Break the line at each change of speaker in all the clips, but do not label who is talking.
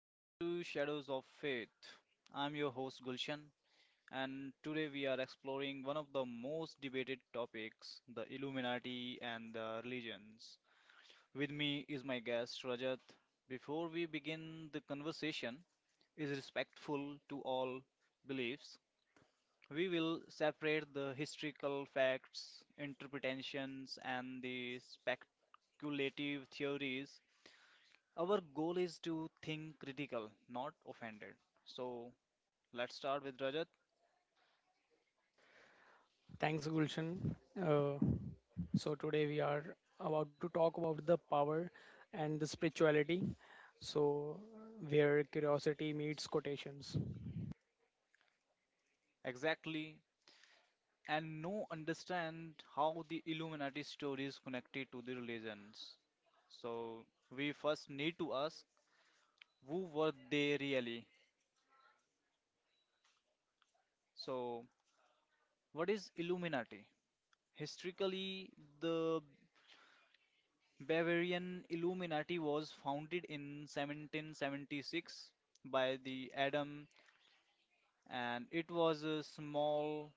welcome to Shadows of Faith. I'm your host Gulshan, and today we are exploring one of the most weighted topics the Illuminati and the religions. With me is my guest Rajat. Before we begin the conversation, is respectful to all beliefs. We will separate the historical facts, interpretations, and the speculative theories our goal is to think critical, not offended. So let's start with Rajat.
Thanks, Gulshan. Uh, so today we are about to talk about the power and the spirituality. So where curiosity meets quotations,
Exactly. And know, understand how the Illuminati story is connected to the religions. So we first need to ask who were they really? So, what is Illuminati? Historically, the Bavarian Illuminati was founded in 1776 by the Adam, and it was a small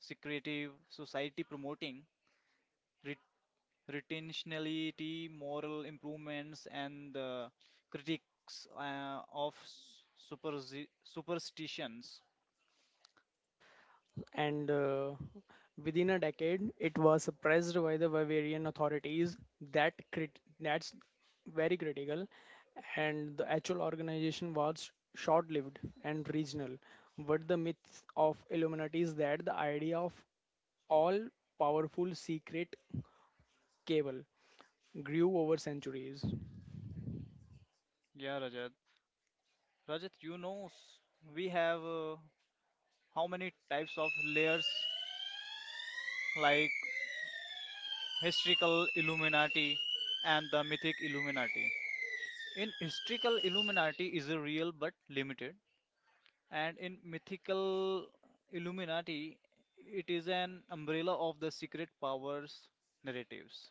secretive, society promoting ret- retentionality, moral improvements, and the critics of superstitions.
and within a decade, it was suppressed by the Bavarian authorities. That's very critical, and the actual organization was short-lived and regional. But the myth of Illuminati is that the idea of all-powerful secret cable grew over centuries.
Yeah, Rajat. Rajat, we have how many types of layers like historical Illuminati and the mythic Illuminati. In historical Illuminati is a real but limited. And in mythical Illuminati, it is an umbrella of the secret powers narratives.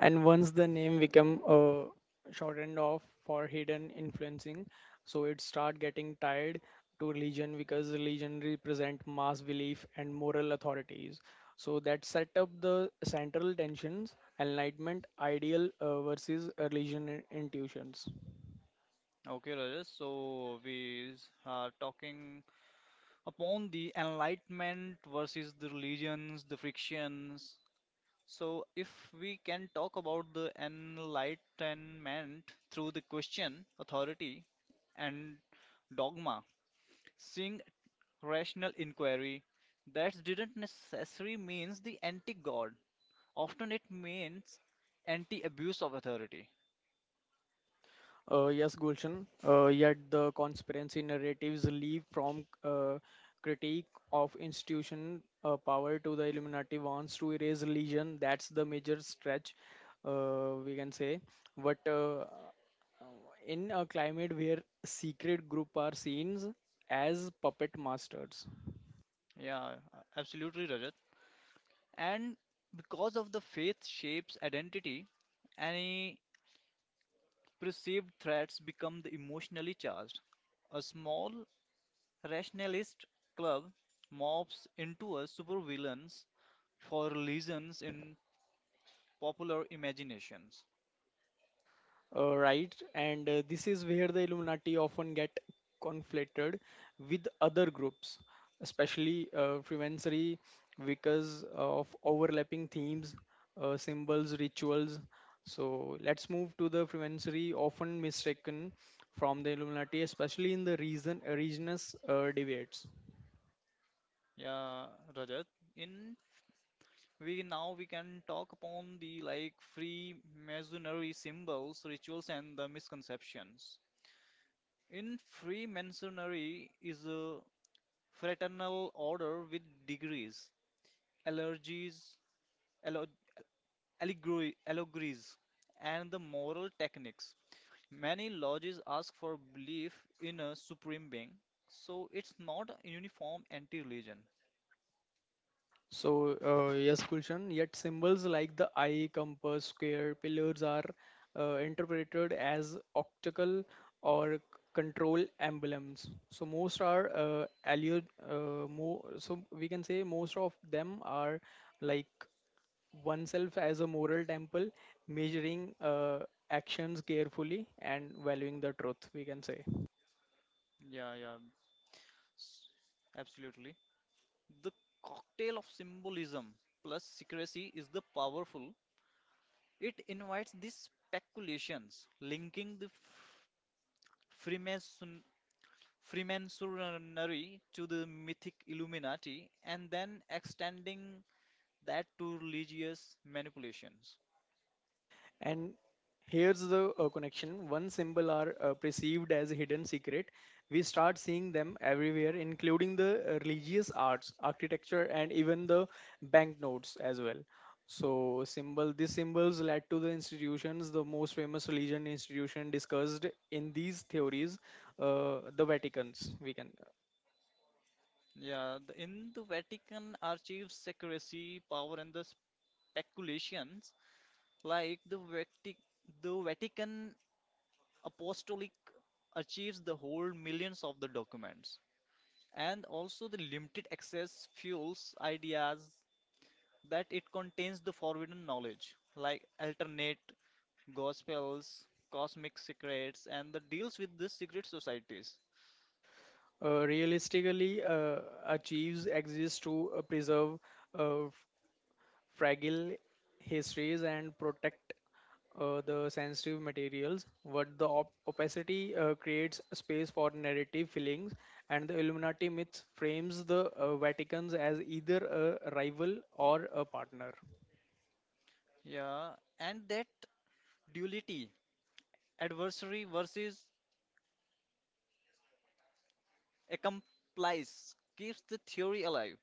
And once the name become shortened off for hidden influencing, so it start getting tied to religion because religion represent mass belief and moral authorities. So that set up the central tensions, enlightenment ideal versus religion intuitions.
Okay, Rajesh. So we are talking upon the enlightenment versus the religions, the frictions. So if we can talk about the enlightenment through the question, authority, and dogma, seeing rational inquiry, that didn't necessarily means the anti-god. Often it means anti abuse of authority.
Yes, Gulshan. Yet the conspiracy narratives leap from critique of institution power to the Illuminati wants to erase religion. That's the major stretch, we can say. But uh, in a climate where secret group are seen as puppet masters.
Yeah, absolutely, Rajat. And because of the faith shapes identity, any perceived threats become the emotionally charged. A small rationalist club morphs into a supervillains for reasons in popular imaginations.
Right, and this is where the Illuminati often get conflated with other groups, especially Freemasonry, because of overlapping themes, symbols, rituals. So let's move to the Freemasonry, often mistaken from the Illuminati, especially in the reason regions debates.
Yeah, Rajat. In we now we can talk upon the like Freemasonry symbols, rituals, and the misconceptions. In Freemasonry is a fraternal order with degrees, allergies, allo- allegory, allegories, and the moral techniques. Many lodges ask for belief in a supreme being, so it's not a uniform anti-religion.
So, yes, Gulshan, yet symbols like the eye, compass, square, pillars are interpreted as optical or control emblems. So, most are so we can say most of them are like oneself as a moral temple, measuring actions carefully and valuing the truth, we can say.
Yeah, yeah, s- absolutely. The cocktail of symbolism plus secrecy is the powerful. It invites these speculations, linking the Freemason, Freemasonry to the mythic Illuminati, and then extending that to religious manipulations.
And here's the connection. Once symbols are perceived as a hidden secret. We start seeing them everywhere, including the religious arts, architecture, and even the banknotes as well. So, symbol these symbols led to the institutions, the most famous religion institution discussed in these theories, the Vatican's. We can
Yeah, the, in the Vatican archives, secrecy, power, and the speculations like the the Vatican Apostolic archives the whole millions of the documents and also the limited access fuels ideas that it contains the forbidden knowledge like alternate gospels cosmic secrets and the deals with the secret societies
realistically achieves exists to preserve uh, fragile histories and protect the sensitive materials, what the opacity creates space for narrative fillings, and the Illuminati myth frames the Vatican's as either a rival or a partner.
yeah and that duality adversary versus accomplice keeps the theory alive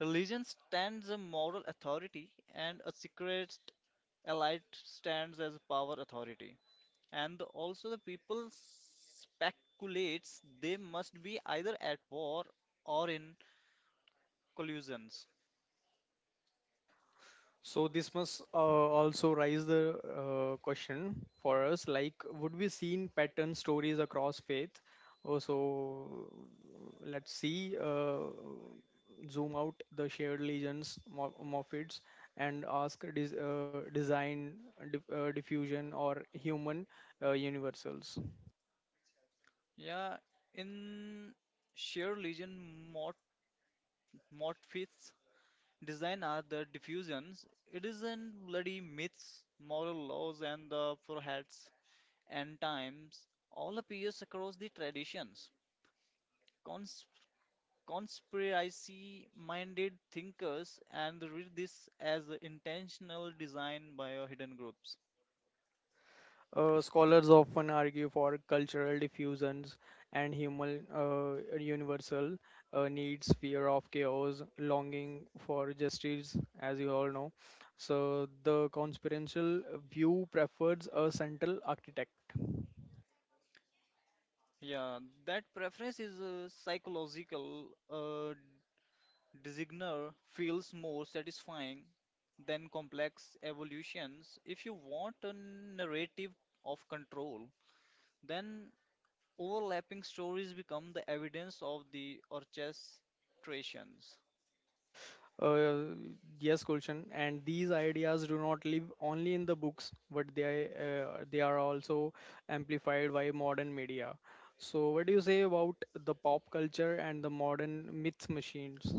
religion stands a moral authority and a secret elite stands as a power authority and also the people speculates they must be either at war or in collusions.
So this must also raise the question for us, like would we seen pattern stories across faith? Oh, so let's see, zoom out the shared legions, morphids, and ask design, diffusion, or human universals.
Yeah, in sheer legion mort Morpheus design are the diffusions. It is in bloody myths, moral laws, and the foreheads and times all appears across the traditions. Cons Conspiracy-minded thinkers and read this as a intentional design by a hidden groups.
Scholars often argue for cultural diffusions and human universal needs, fear of chaos, longing for justice, as you all know. So, the conspiratorial view prefers a central architect.
Yeah, that preference is a psychological. Designer feels more satisfying than complex evolutions. If you want a narrative of control, then overlapping stories become the evidence of the orchestrations.
Uh, yes, Gulshan, and these ideas do not live only in the books, but they are also amplified by modern media. So, what do you say about the pop culture and the modern myth machines?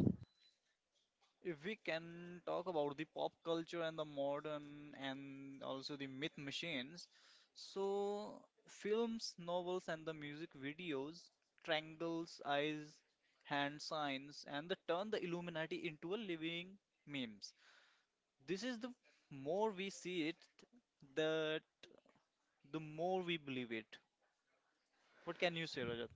If we can talk about the pop culture and the modern and also the myth machines, so films, novels, and the music videos, triangles, eyes, hand signs, and the turn the Illuminati into a living memes. This is the more we see it, the the more we believe it. What can you say, Rajat?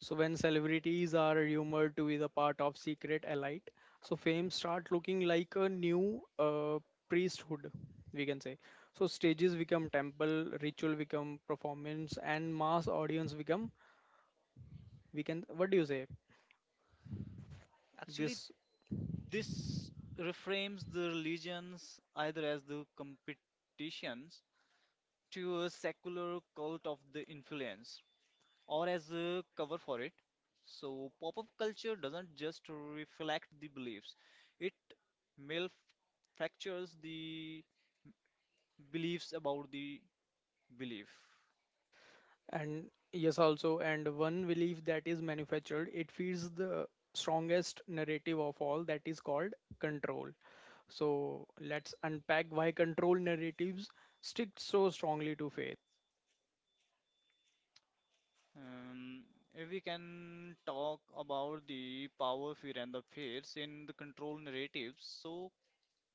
So when celebrities are rumored to be the part of secret elite, so fame start looking like a new priesthood, we can say. So stages become temple, ritual become performance, and mass audience become, we can, what do you say,
Actually,
this,
this reframes the religions either as the competitions to a secular cult of the influence, or as a cover for it. So, pop up culture doesn't just reflect the beliefs, it malfactures the beliefs about the belief.
and yes also, and one belief that is manufactured, it feeds the strongest narrative of all, that is called control. So let's unpack why control narratives stick so strongly to faith.
Um, if we can talk about the power, fear, and the fears in the control narratives, so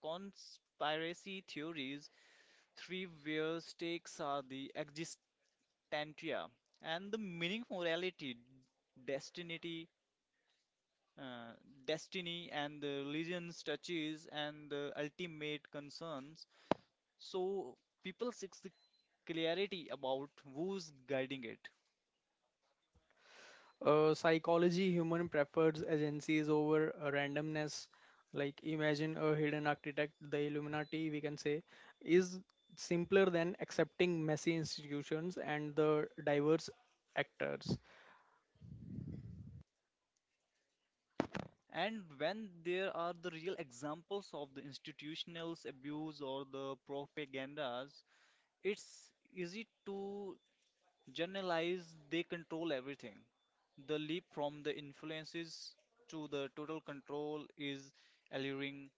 conspiracy theories, three where stakes are the exist Tantria and the meaning morality, destiny, uh, destiny and the religion's touches and the ultimate concerns. So people seek the clarity about who's guiding it.
Psychology, human prefers agencies over randomness. Like imagine a hidden architect, the Illuminati, we can say, is simpler than accepting messy institutions and the diverse actors.
And when there are the real examples of the institutional abuse or the propagandas, it's easy to generalize, they control everything. The leap from the influences to the total control is alluring.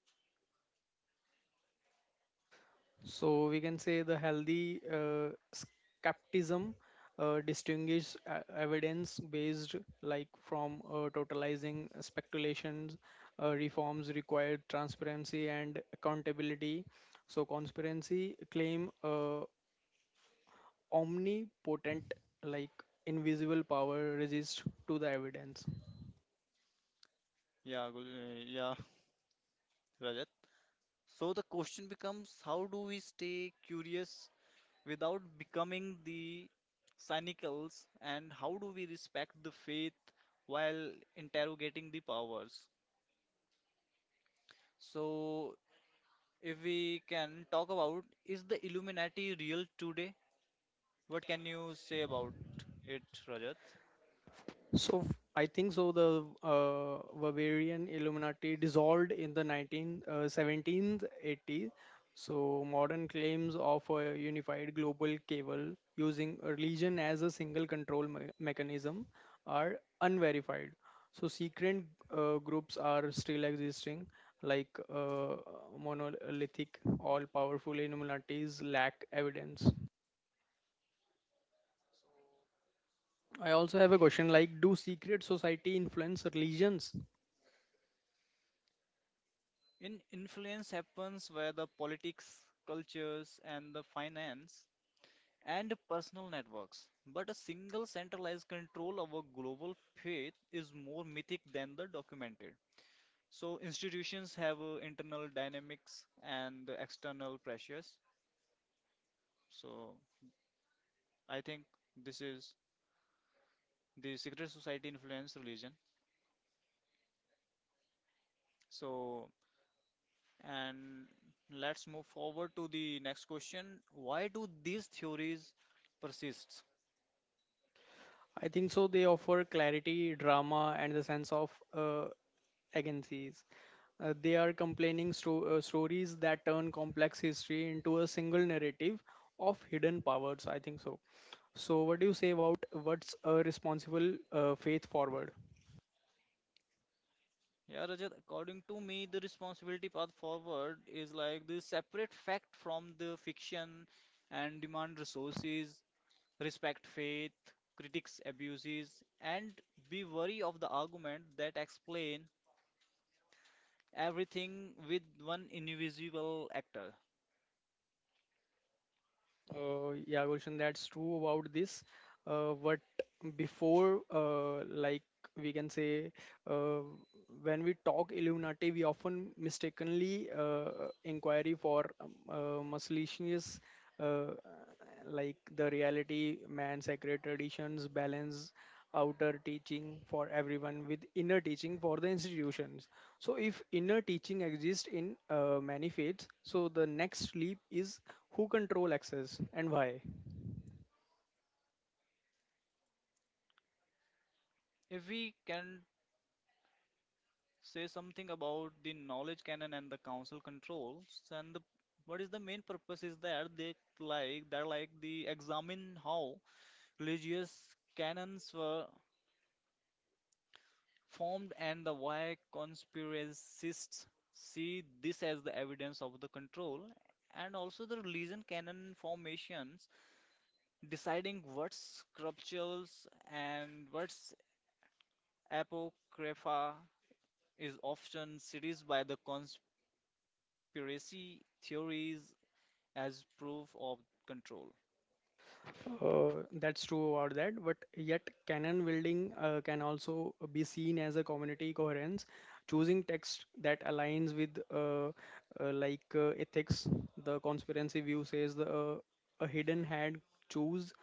So we can say the healthy skepticism distinguishes evidence-based, like from totalizing speculations. Reforms required transparency and accountability. So conspiracy claim omnipotent, like invisible power, resist to the evidence.
Yeah, Rajat. So the question becomes how do we stay curious without becoming the cynicals and how do we respect the faith while interrogating the powers? So if we can talk about is the Illuminati real today? What can you say about it, Rajat?
So I think so. The Bavarian Illuminati dissolved in the 19 1780s. So modern claims of a unified global cable using religion as a single control mechanism are unverified. So secret groups are still existing, like uh, monolithic, all-powerful Illuminatis lack evidence. I also have a question like, do secret society influence religions?
In influence happens via the politics, cultures, and the finance and personal networks. But a single centralized control over global faith is more mythic than the documented. So institutions have internal dynamics and the external pressures. So I think this is the secret society influence religion. So and let's move forward to the next question. Why do these theories persist?
I think so. They offer clarity, drama, and the sense of agencies. They are complaining stories that turn complex history into a single narrative of hidden powers. I think so. So, what do you say about what's a responsible faith forward?
Yeah, Rajat, according to me, the responsibility path forward is like the separate fact from the fiction and demand resources, respect faith, critics abuses, and be wary of the argument that explain everything with one invisible actor.
Yeah, Gulshan, that's true about this. But before, like we can say, uh, when we talk Illuminati, we often mistakenly inquiry for Mussolini's, uh, like the reality, man, sacred traditions, balance, outer teaching for everyone with inner teaching for the institutions. So, if inner teaching exists in many faiths, so the next leap is who control access and why.
If we can say something about the knowledge canon and the council controls, and the, what is the main purpose is that they like they're like the examine how religious canons were formed and the why conspiracists see this as the evidence of the control and also the religion canon formations deciding what's scriptures and what's apocrypha is often seized by the conspiracy theories as proof of control
uh, that's true about that, but yet canon building can also be seen as a community coherence choosing text that aligns with ethics. The conspiracy view says the a hidden hand choose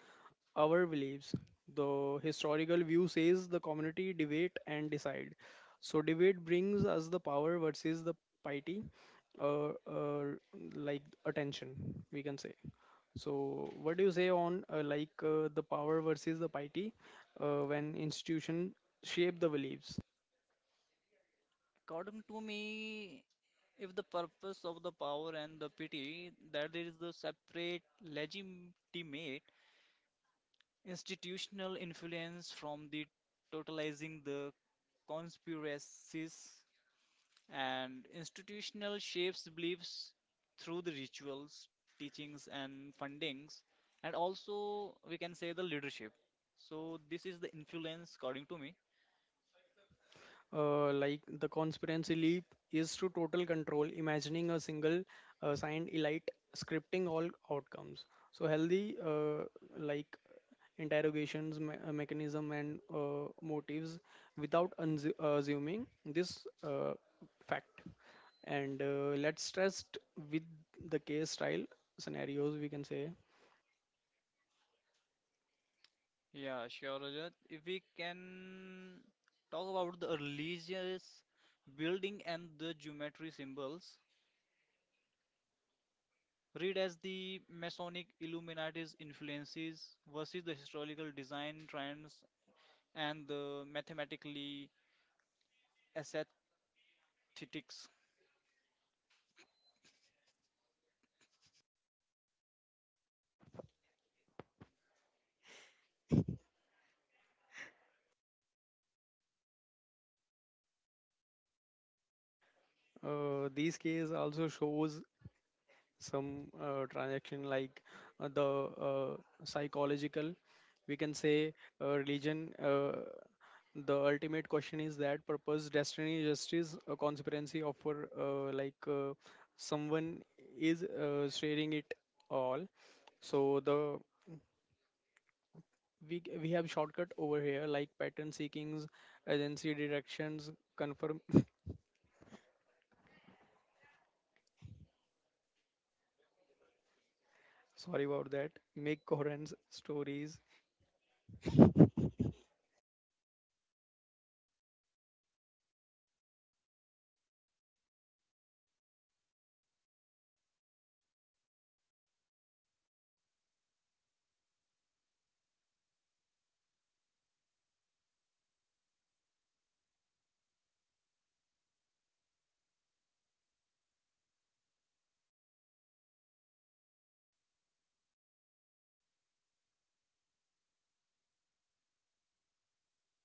our beliefs. The historical view says the community debate and decide. So debate brings us the power versus the piety, uh, uh, attention, we can say. So, what do you say on the power versus the piety when institution shape the beliefs?
according to me if the purpose of the power and the pity that is the separate legitimate institutional influence from the totalizing the conspiracies and institutional shapes beliefs through the rituals, teachings and fundings and also we can say the leadership. So this is the influence according to me.
Like the conspiracy leap is to total control, imagining a single signed elite scripting all outcomes. So healthy like interrogations mechanism and motives without assuming this fact. And let's test with the case style scenarios, we can say.
Yeah, sure, Rajat. If we can talk about the religious building and the geometry symbols, read as the Masonic Illuminati's influences versus the historical design trends and the mathematically aesthetics.
These case also shows some transaction like the psychological, we can say. Religion, the ultimate question is that purpose destiny justice, a conspiracy offer someone is sharing it all. So the we have shortcut over here, like pattern seekings, agency directions, confirm sorry about that, make coherence stories.
Yeah, that's correct. Let's talk about the